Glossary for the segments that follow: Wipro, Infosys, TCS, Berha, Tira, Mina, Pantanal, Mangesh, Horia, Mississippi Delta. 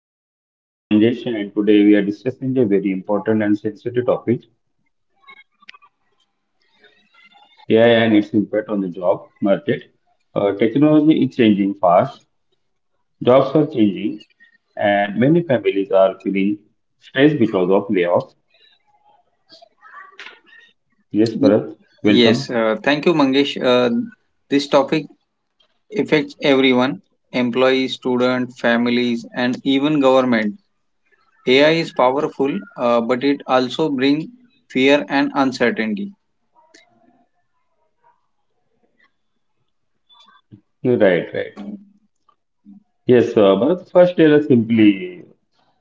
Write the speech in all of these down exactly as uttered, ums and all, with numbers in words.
welcome to our podcast. I am Manjesh and today we are discussing a very important and sensitive topic, A I and its impact on the job market. Uh, technology is changing fast, jobs are changing and many families are feeling stressed because of layoffs. Yes, Bharat, welcome. Yes, uh, thank you, Mangesh. Uh, this topic affects everyone: employees, students, families, and even government. A I is powerful, uh, but it also brings fear and uncertainty. You're right, right. Yes, uh, Bharat, first tell us simply,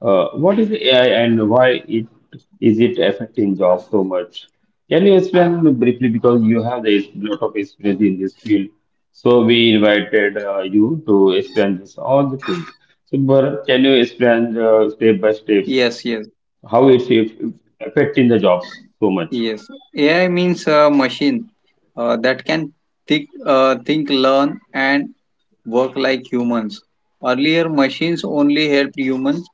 uh, what is A I and why it is it affecting jobs so much? Can you explain briefly because you have a lot of experience in this field, so we invited uh, you to explain this all the things. So Bharat, can you explain uh, step by steps Yes, yes, how it's if- affecting the jobs so much? yes. A I means a machine uh, that can think, uh, think, learn, and work like humans. Earlier, machines only helped humans.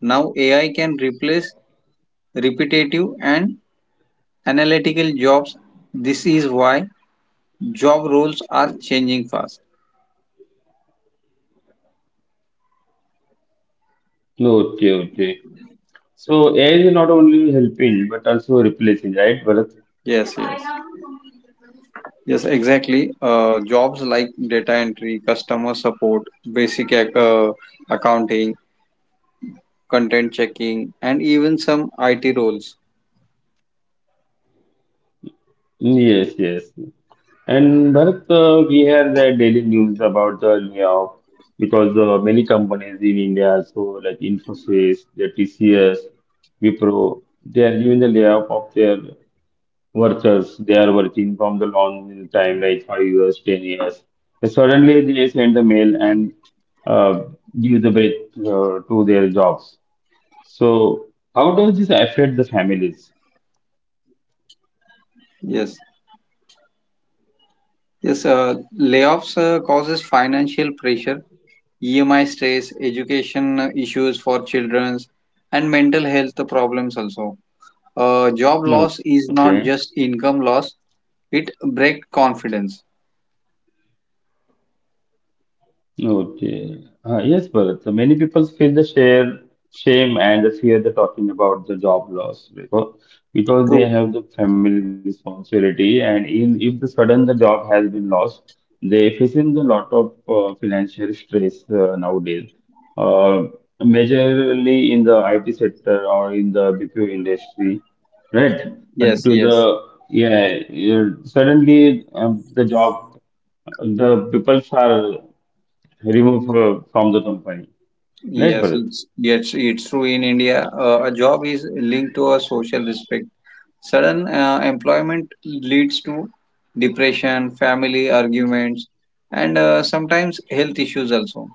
Now, A I can replace repetitive and analytical jobs. This is why job roles are changing fast. No, okay, okay. So A I is not only helping but also replacing, right, Bharat? Yes, yes, yes, exactly. Uh, jobs like data entry, customer support, basic ac- uh, accounting, content checking, and even some I T roles. Yes, yes. And Bharat, uh, we have the daily news about the layoff because uh, many companies in India, so like Infosys, the T C S, Wipro, they are doing the layoff of their workers. They are working from the long time, like five years, ten years. And suddenly they send the mail and uh, give the break uh, to their jobs. So how does this affect the families? Yes, yes. Uh, layoffs uh, causes financial pressure, E M I stress, education uh, issues for children, and mental health problems also. Uh, job loss is Okay. not just income loss, it breaks confidence. Okay. Uh, yes, Bharat. So many people feel the share, shame and the fear they're talking about the job loss because, because True. they have the family responsibility and in if the sudden the job has been lost, they facing a lot of uh, financial stress uh, nowadays. Uh, majorly in the I T sector or in the B P O industry, right? But Yes, to yes. the yeah, yeah, suddenly um, the job the people are removed from, from the company. Right, Yes, Bharat? it's yes, it's true in India. Uh, a job is linked to a social respect. Sudden uh, employment leads to depression, family arguments, and uh, sometimes health issues also.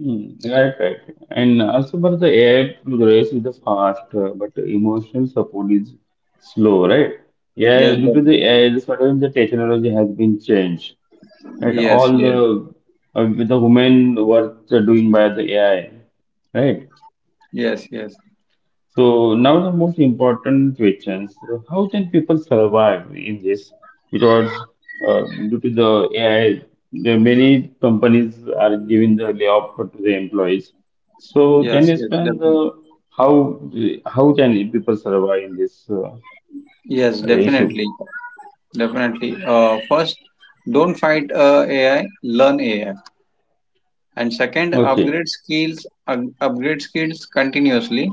Mm, right, right. And also, Bharat, the A I progress is the fast, uh, but emotional support is slow, right? Yeah, Yes, due to the def- A I, the sort of the technology has been changed. Right, yes, all the yes, uh, the human work are doing by the A I, right? yes, yes, So now the most important questions: uh, how can people survive in this? Because uh, due to the A I, there are many companies are giving the layoff to the employees. So can yes, you yes, explain the definitely. how how can people survive in this uh, Yes, definitely, issue? definitely. Uh, first, don't fight uh, A I, learn A I. And second, Okay. upgrade skills upgrade skills continuously.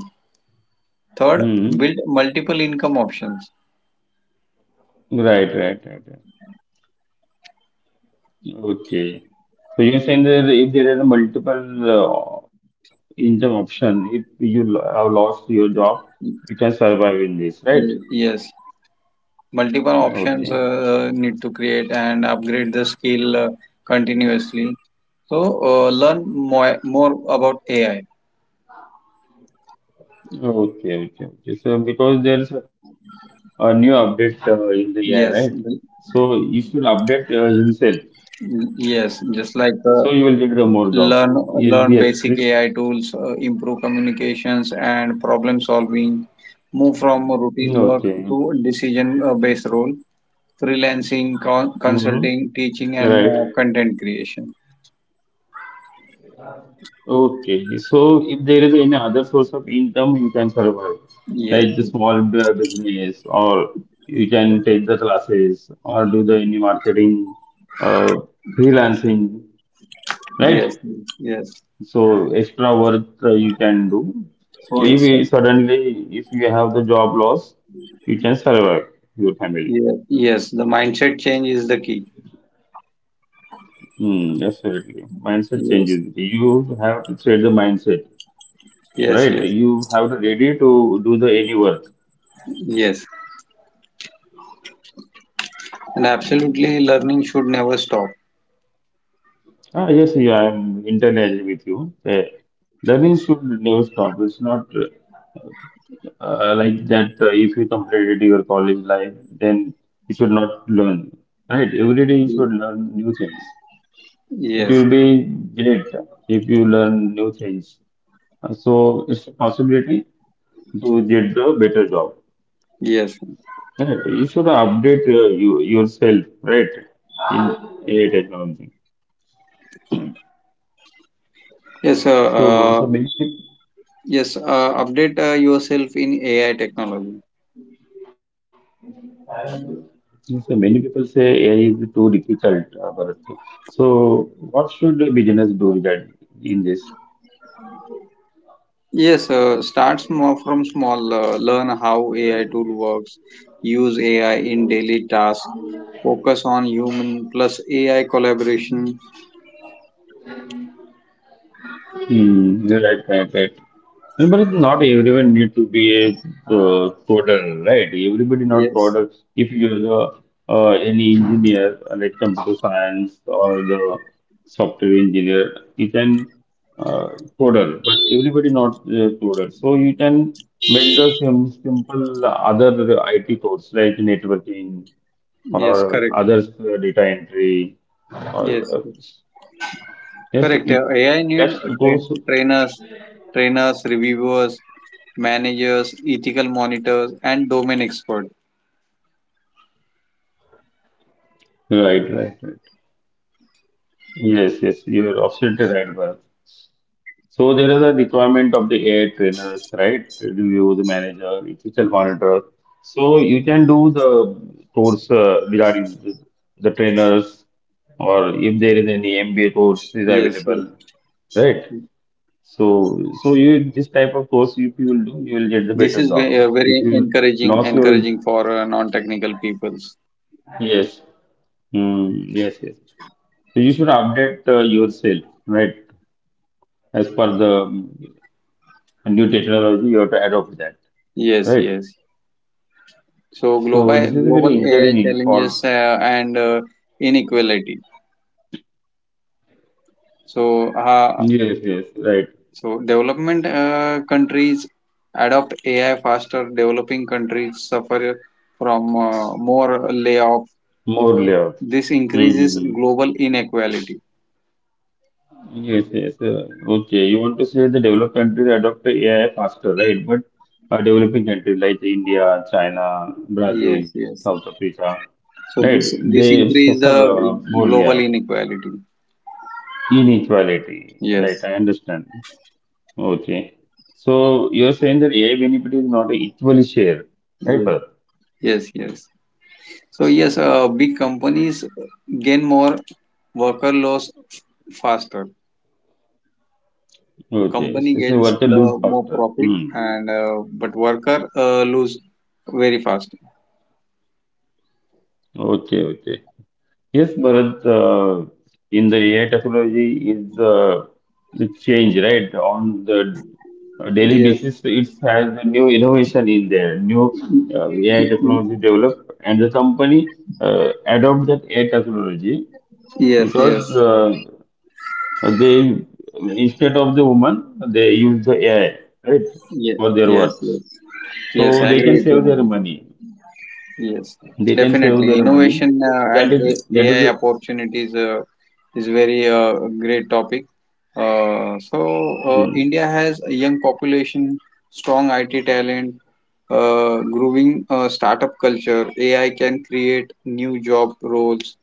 Third, Hmm. build multiple income options. Right. Right. Right. Right. Okay. So you're saying that if there are multiple uh, income option, if you lo- have lost your job, you can survive in this, right? Yes, multiple options Okay. uh, need to create and upgrade the skill uh, continuously. So uh, learn more, more about A I. Okay, okay, okay. So because there's a a new update uh, in the A I, right? Yes, So you should update uh, himself. yes, just So like you will uh, get the more job. learn Yes, learn yes, please. basic A I tools. Uh, improve communications and problem solving, move from routine work Okay. to decision uh, based role: freelancing, con- Mm-hmm. consulting, teaching, and Right. uh, content creation. Okay, so if there is any other source of income, you can survive, like Yes, the small b- business, or you can take the classes, or do the any marketing, uh, freelancing, yes, right? yes, So extra work uh, you can do. So if yes, you suddenly if you have the job loss, you can survive your family. yes, yes. The mindset change is the key. Mm, absolutely. Mindset Yes, changes. You have to change the mindset, yes, right? yes, You have to ready to do the any work. yes. And absolutely, learning should never stop. Ah, yes, yeah, I'm entirely agree with you. Uh, learning should never stop. It's not uh, like that, uh, if you completed your college life, then you should not learn. Right? Every day you Y- should learn new things. It Yes, will be great if you learn new things. Uh, So it's a possibility to get the better job. yes, Right? You should update uh, you, yourself, right? In A I technology. yes. So, Uh, uh, so many. Yes, uh, update uh, yourself in A I technology. Yes, sir. Many people say A I is too difficult, uh, Bharat. So, what should a business do regard in this? Yes, uh, start small from small. Uh, learn how A I tool works. Use A I in daily tasks. Focus on human plus A I collaboration. Hmm. Right, right, right. And but not everyone need to be a uh, coder, right? Everybody not Yes, coder. If you're the, uh, any engineer, uh, like computer science or the software engineer, you can uh, coder. But everybody not uh, coder. So you can make the sim simple other I T codes like networking yes, or correct. other data entry or Yes, uh, yes. yes, Correct. Uh, it- A I need that's train goes. trainers, trainers, reviewers, managers, ethical monitors, and domain experts. Right, right, right. Yes, yes, you're absolutely right, Bharat. So there is a requirement of the A I trainers, right? Review the manager, ethical monitor. So you can do the course uh, regarding the, the trainers, or if there is any M B A course is Yes, yes. available, right? So so you this type of course if you will do, you will get the This better is job. ve- uh, If very you encouraging, lost your, encouraging for uh, non-technical peoples. yes, mm, yes, yes. So you should update uh, yourself, right? As per the new technology you have to adopt that, Yes, right, yes. So so this global is global very A I challenging for, challenges uh, and uh, inequality. So uh, yes, yes, right, so development uh, countries adopt A I faster. Developing countries suffer from uh, more layoff. more layers. This increases Mm-hmm. global inequality. Yes, yes, uh, okay, you want to say the developed countries adopt AI faster, right, but uh, developing countries like India, China, Brazil, Yes, South yes. Africa, right, So this they this suffer increase the uh, more layout global inequality. inequality, right, I Yes, understand. Okay. So you're saying that A I benefit is not equally shared, right, yes, Bharat? yes, yes. So yes, uh, big companies gain more, worker loss faster. The Okay. company So it's a gains worth a lose the more factor. profit, Hmm. and uh, but worker uh, lose very fast. Okay, okay. Yes, Bharat, uh, in the A I technology is, uh, it's change, right? On the daily Yes, basis, it has a new innovation in there, new uh, A I technology developed, and the company uh, adopt that A I technology yes, because, yes, uh, Uh, they instead of the woman, they use the A I, right, yes, for their yes, works. yes. Yes, So I they can agree with save their you. money. Yes, They can save their definitely. money. So Innovation that uh, is and that A- is, AI opportunities uh, is very uh, great topic. Uh, so uh, mm, India has a young population, strong I T talent, uh, growing uh, startup culture. A I can create new job roles,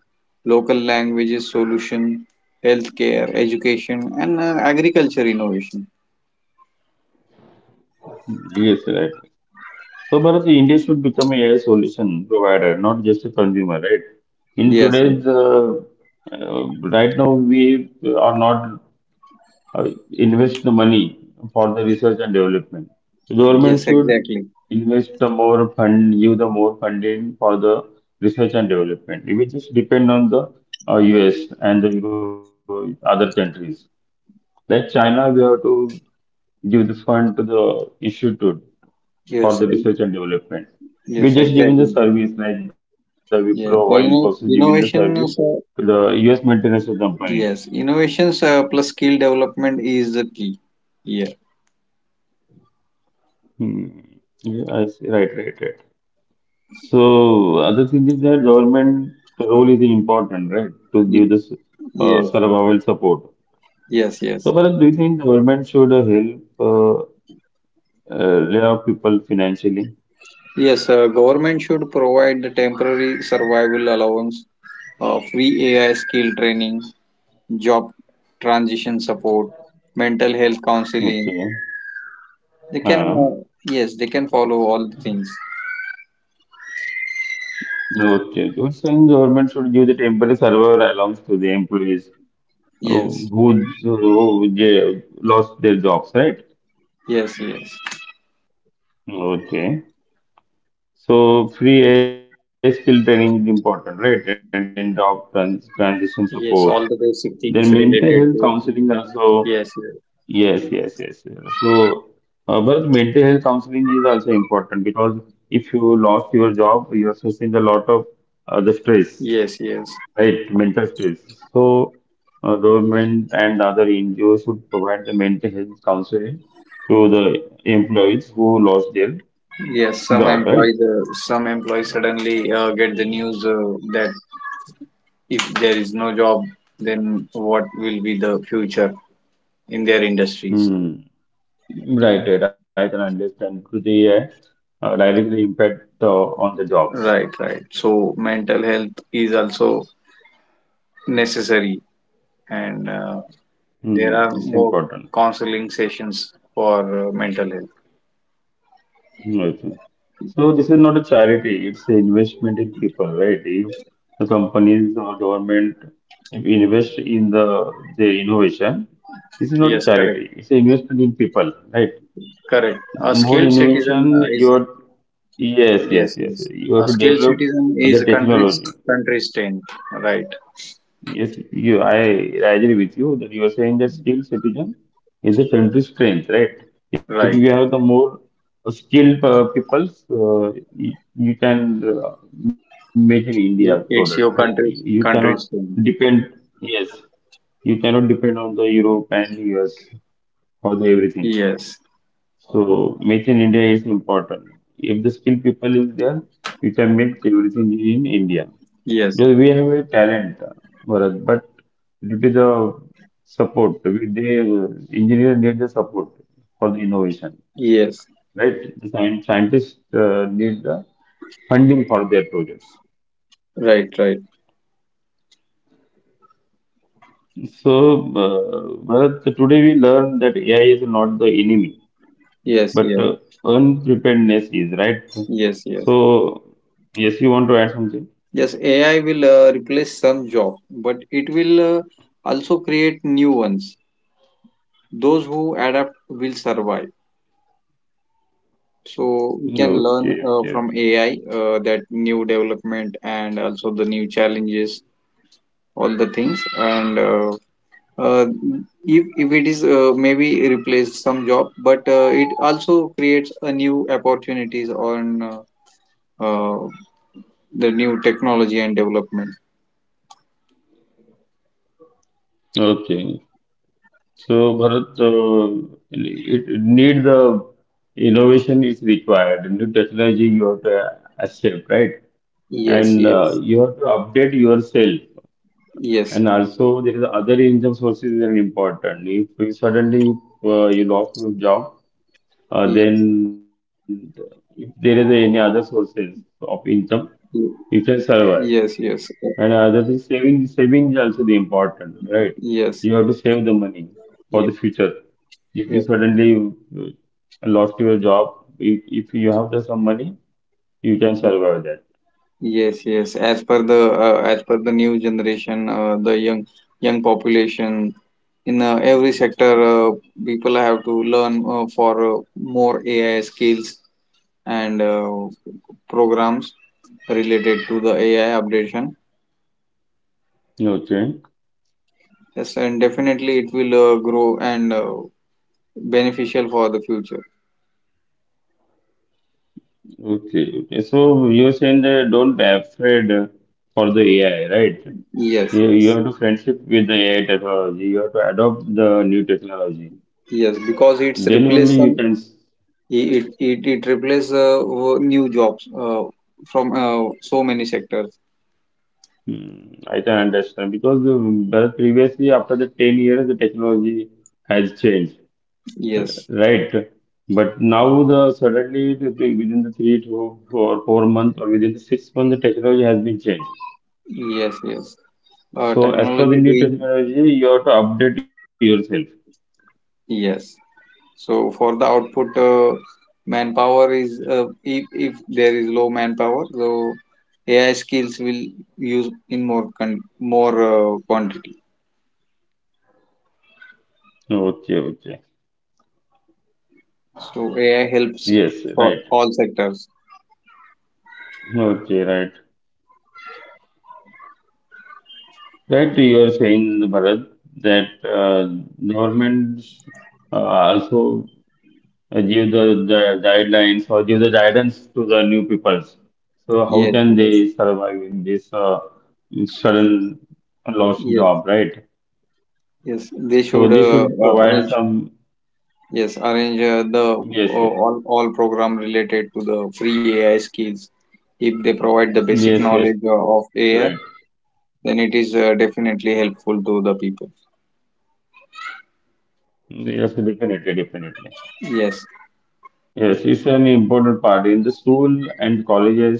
local languages solution, healthcare, education, and uh, agriculture innovation. yes, right. So Bharat, India should become a AI solution provider, not just a consumer, right? In Yes, yes, today's, uh, uh, right now, we are not uh, invest the money for the research and development. The government yes, should exactly. invest the more fund, give the more funding for the research and development. It will just depend on the uh, U S and the Euro- other countries. Like China, we have to give this fund to the institute for the Yes, research e- and development. We yes, just giving the exactly. service like the Wipro or Yeah, Infosys so giving the inno- service to innovations, the uh, U S multinational company. yes, innovations uh, plus skill development is the key. Yeah, Hmm. Yeah, I see. Right, right, right. So other thing is that government role is important, right? To Y- give this uh, yes, survival support. yes, So yes. Bharat, do you think government should uh, help uh, uh, lay off people financially? Yes, uh, government should provide the temporary survival allowance, uh, free A I skill training, job transition support, mental health counseling. Okay. They can, Uh, uh, yes, they can follow all the things. okay. You're saying government should give the temporary survival allowance to the employees uh, Yes, who, who they lost their jobs, right? yes, yes, Okay. So free A I skill training is important, right? And then job trans transition support. yes, all the basic Then things mental health related to, counseling also, yes, yes, yes, yes, yes, yes. So, uh, but mental health counseling is also important because if you lost your job, you are facing a lot of uh, the stress, yes, yes. right? Mental stress. So, uh, government and other N G Os should provide the mental health counseling to the employees who lost their Yes, some job, employees, right? uh, some employees suddenly uh, get the news uh, that if there is no job, then what will be the future in their industries? Hmm. Right, right. I can understand. Could they uh, directly impact uh, on the jobs? Right, right. So mental health is also necessary, and uh, there Hmm, are it's more important. counseling sessions for uh, mental health. Hmm, I think. So this is not a charity, it's an investment in people, right? If the companies or government if invest in the their innovation, this is not a Yes, correct, charity, it's an investment in people, right? correct. A More skilled citizen invention, uh, is. you're, yes, yes, Yes, yes. yes. You have A to skilled develop citizen is the a country's technology. country's strength. Right, Yes, you, I, I agree with you that you are saying that skilled citizen is a country's strength, right? If you right. have the more skilled uh, peoples, uh, you, you can uh, make an India product, right? It's your You you country's cannot country's depend, thing. yes, you cannot depend on the Europe and U S for the everything. Yes, So make in India is important. If the skilled people is there, you can make everything in India. yes, Yeah, we have a talent, Bharat, but due to the support, we, they uh, engineers need the support for the innovation, yes, right? The scien- scientists uh, need the funding for their projects. right, right. So, uh, Bharat, today we learn that A I is not the enemy, Yes, but yes, uh, unpreparedness is, right? yes, yes. So, yes, you want to add something? Yes, A I will uh, replace some jobs, but it will uh, also create new ones. Those who adapt will survive. So we can Okay, learn okay, uh, from okay. A I uh, that new development and also the new challenges, all the things, and uh, uh, if, if it is uh, maybe replace some job, but uh, it also creates a new opportunities on uh, uh, the new technology and development. Okay. So, Bharat, uh, it, it need the innovation is required. New technology you have to accept, right? Yes, And uh, yes, you have to update yourself. yes, And also, there is other income sources are important. If you suddenly uh, you lost your job, uh, yes, then if there is any other sources of income, you can y- survive. yes, And yes, uh, other thing, saving saving is also the important, right? You have to yes, save the money for the yes, future. If you yes, suddenly uh, lost your job, if, if you have the some money, you can survive that. yes, yes. As per the uh, as per the new generation, uh, the young young population in uh, every sector, uh, people have to learn uh, for uh, more A I skills and uh, programs related to the A I updation. Okay, Yes, and definitely it will uh, grow and uh, beneficial for the future. okay, okay. So you're saying that don't be afraid uh, for the A I, right? Yes, You, you yes, have to friendship with the A I technology. You have to adopt the new technology. yes. Because it's Then only replace you some can. it it it replace uh, new jobs uh, from uh, so many sectors. Hmm, I can understand because the- but previously, after the ten years, the technology has changed, uh, Yes, right? But now, the suddenly it- it- within the three to four, four months or within the six months, the technology has been changed. yes, yes. Uh, So, as per the Technology new doing. technology, you have to update yourself. Yes. So for the output, uh, manpower is, uh, if if there is low manpower, so A I skills will use in more con- more uh, quantity. Okay, okay. So A I helps Yes, right. for all sectors. Okay, right. Right, you are saying, Bharat, that uh, governments uh, also uh, give the, the guidelines or give the guidance to the new peoples. So how Yes, can yes, they survive in this uh, sudden lost yes, job, right? yes. They So should they uh, should uh, provide arrange, some, yes, arrange uh, the yes, uh, all all program related to the free A I skills. If they provide the basic yes, yes, knowledge uh, right. of A I, then it is uh, definitely helpful to the people. Yes, definitely, definitely. Yes. Yes, it's an important part in the school and colleges.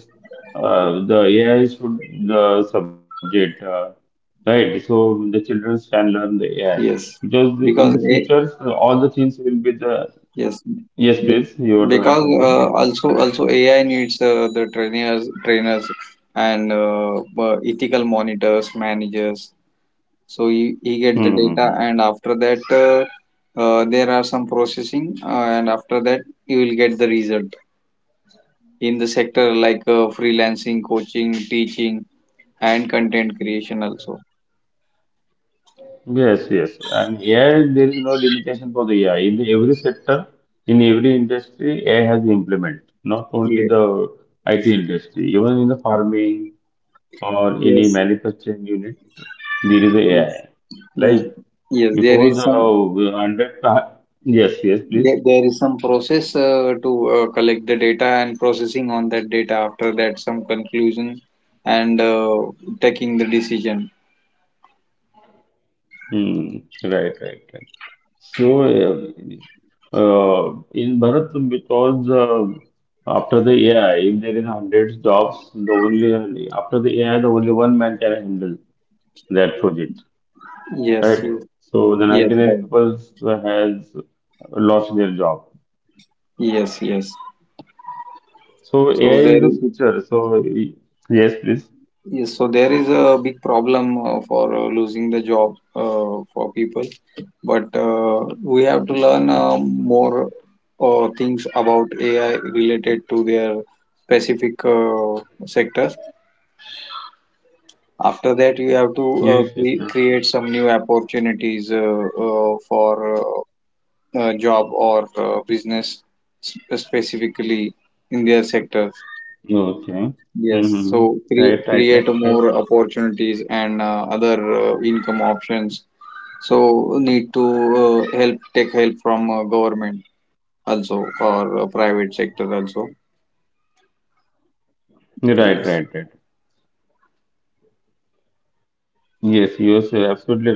Uh, the A I should the subject, uh, right? So the children can learn the A I Yes, because the- in the because future A, so all the things will be the. yes, Yes, please. be- You want to add because something? uh, also also A I needs uh, the trainers trainers and uh, uh, ethical monitors, managers. So he, he get the data, Mm-hmm. and after that uh, uh, there are some processing, uh, and after that you will get the result in the sector like uh, freelancing, coaching, teaching and content creation also. Yes, yes. And A I, there is no limitation for the A I. In every sector, in every industry, A I has been implemented. Not only Yeah. the I T industry, even in the farming or any Yes. manufacturing unit, there is a Yes. AI. Yes. Like Yes. There before is the uh, some. one hundred, pa- yes, yes, There, please. there is some process uh, to uh, collect the data and processing on that data, after that some conclusion, and uh, taking the decision. Hmm. Right, right, right. So, uh, uh, in Bharat, because uh, after the A I, if there is hundreds jobs, the only after the A I, the only one man can handle that project, Yes, right? yes, So the yes, ninety-nine right. people has lost their job. Yes, yes. So So A I there is the is, future. So y- yes, please. yes, so there is a big problem uh, for uh, losing the job uh, for people, but uh, we have to learn uh, more uh, things about A I related to their specific uh, sectors. After that, you have to uh, Yes, cre- yes, ma'am. create some new opportunities uh, uh, for uh, uh, job or uh, business sp- specifically in their sector. Okay. Yes, so Mm-hmm. cre- Right, create right, right. more Yes. opportunities and uh, other uh, income options. So need to uh, help take help from uh, government also or uh, private sector also. Right, right, Yes, right. Yes, you are so absolutely right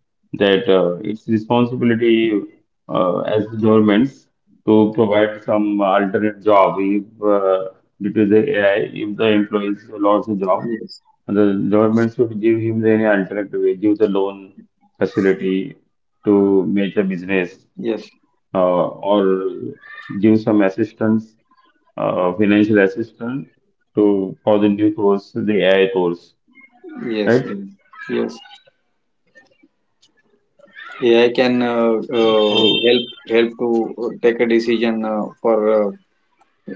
that uh, it's responsibility uh, as governments to provide some alternate job if uh, due to the A I, if the employees lost the job, yes, the government should give him any alternate way, give the loan facility to make a business, yes, uh, or give some assistance, uh, financial assistance to for the new course, the A I course, yes, right? yes, yes. A I can uh, uh, help So. help to uh, take a decision uh, for uh,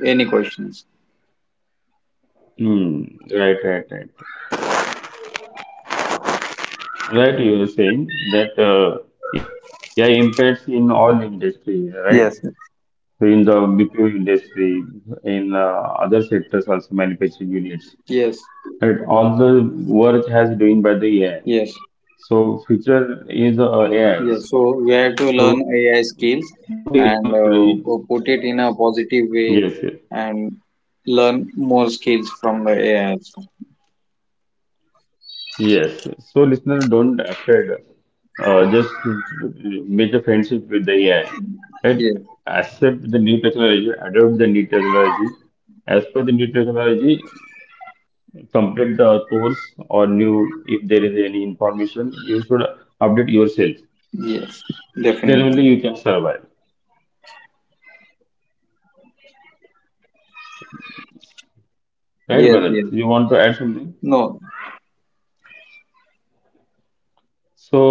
any questions. Hmm. Right, right, right. Right, you were saying that uh, A I impacts in all industry, right? Yes. So in the B P O industry, in uh, other sectors also manufacturing units, Yes, right? All the work has doing by the A I. yes, So future is uh, yes. A I. So we So have to learn A I don't skills ignore it. and uh, pu- put it in a Yes, yes. positive way and learn more skills from the A I also. Yes, so listener, don't afraid. Uh, just make a friendship with the A I. Right? Yes, Accept the new technology, adopt the new technology. As per the new technology, complete the course or new, if there is any information, you should update yourself. yes, Then definitely. only you can survive. Right, Yes, yes. Bharat? You want to add something? No,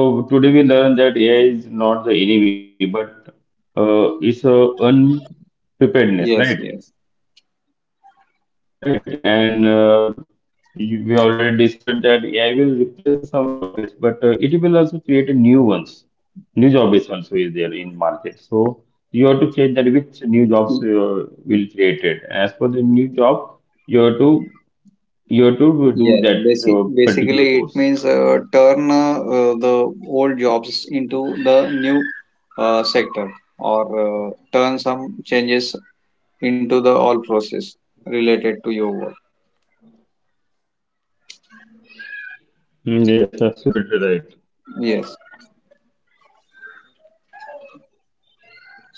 So today we learned that A I is not the enemy, but uh, it's a yes, yes. unpreparedness, right? Right, and uh, you- we already discussed that A I will replace some jobs, but uh, it will also create a new ones. New jobs also is there in market. So you have to check that which new jobs uh, will created. And as per the new job, you have to Yes, you have basic, to do that basically it uh, means uh, particular turn course. uh, uh, the old jobs into the new uh, sector, or uh, turn some changes into the all process related to your work. Yes, absolutely right. Yes.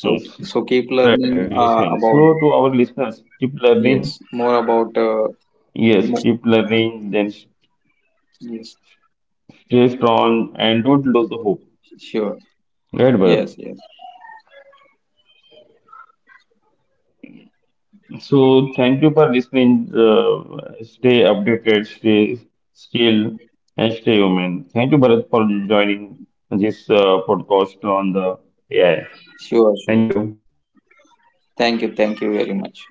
So Yes. so keep Right, right, learning you're uh, saying. about, So to our listeners, keep yes, learning. more about, uh, Yes, mo keep learning. Then yes, stay strong and don't lose the hope. sure, Right, yes, yes, Bharat. So thank you for listening. Uh, stay updated, stay still, and stay human. Thank you, Bharat, for joining this uh, podcast on the A I. sure, sure. Thank you. Thank you thank you very much.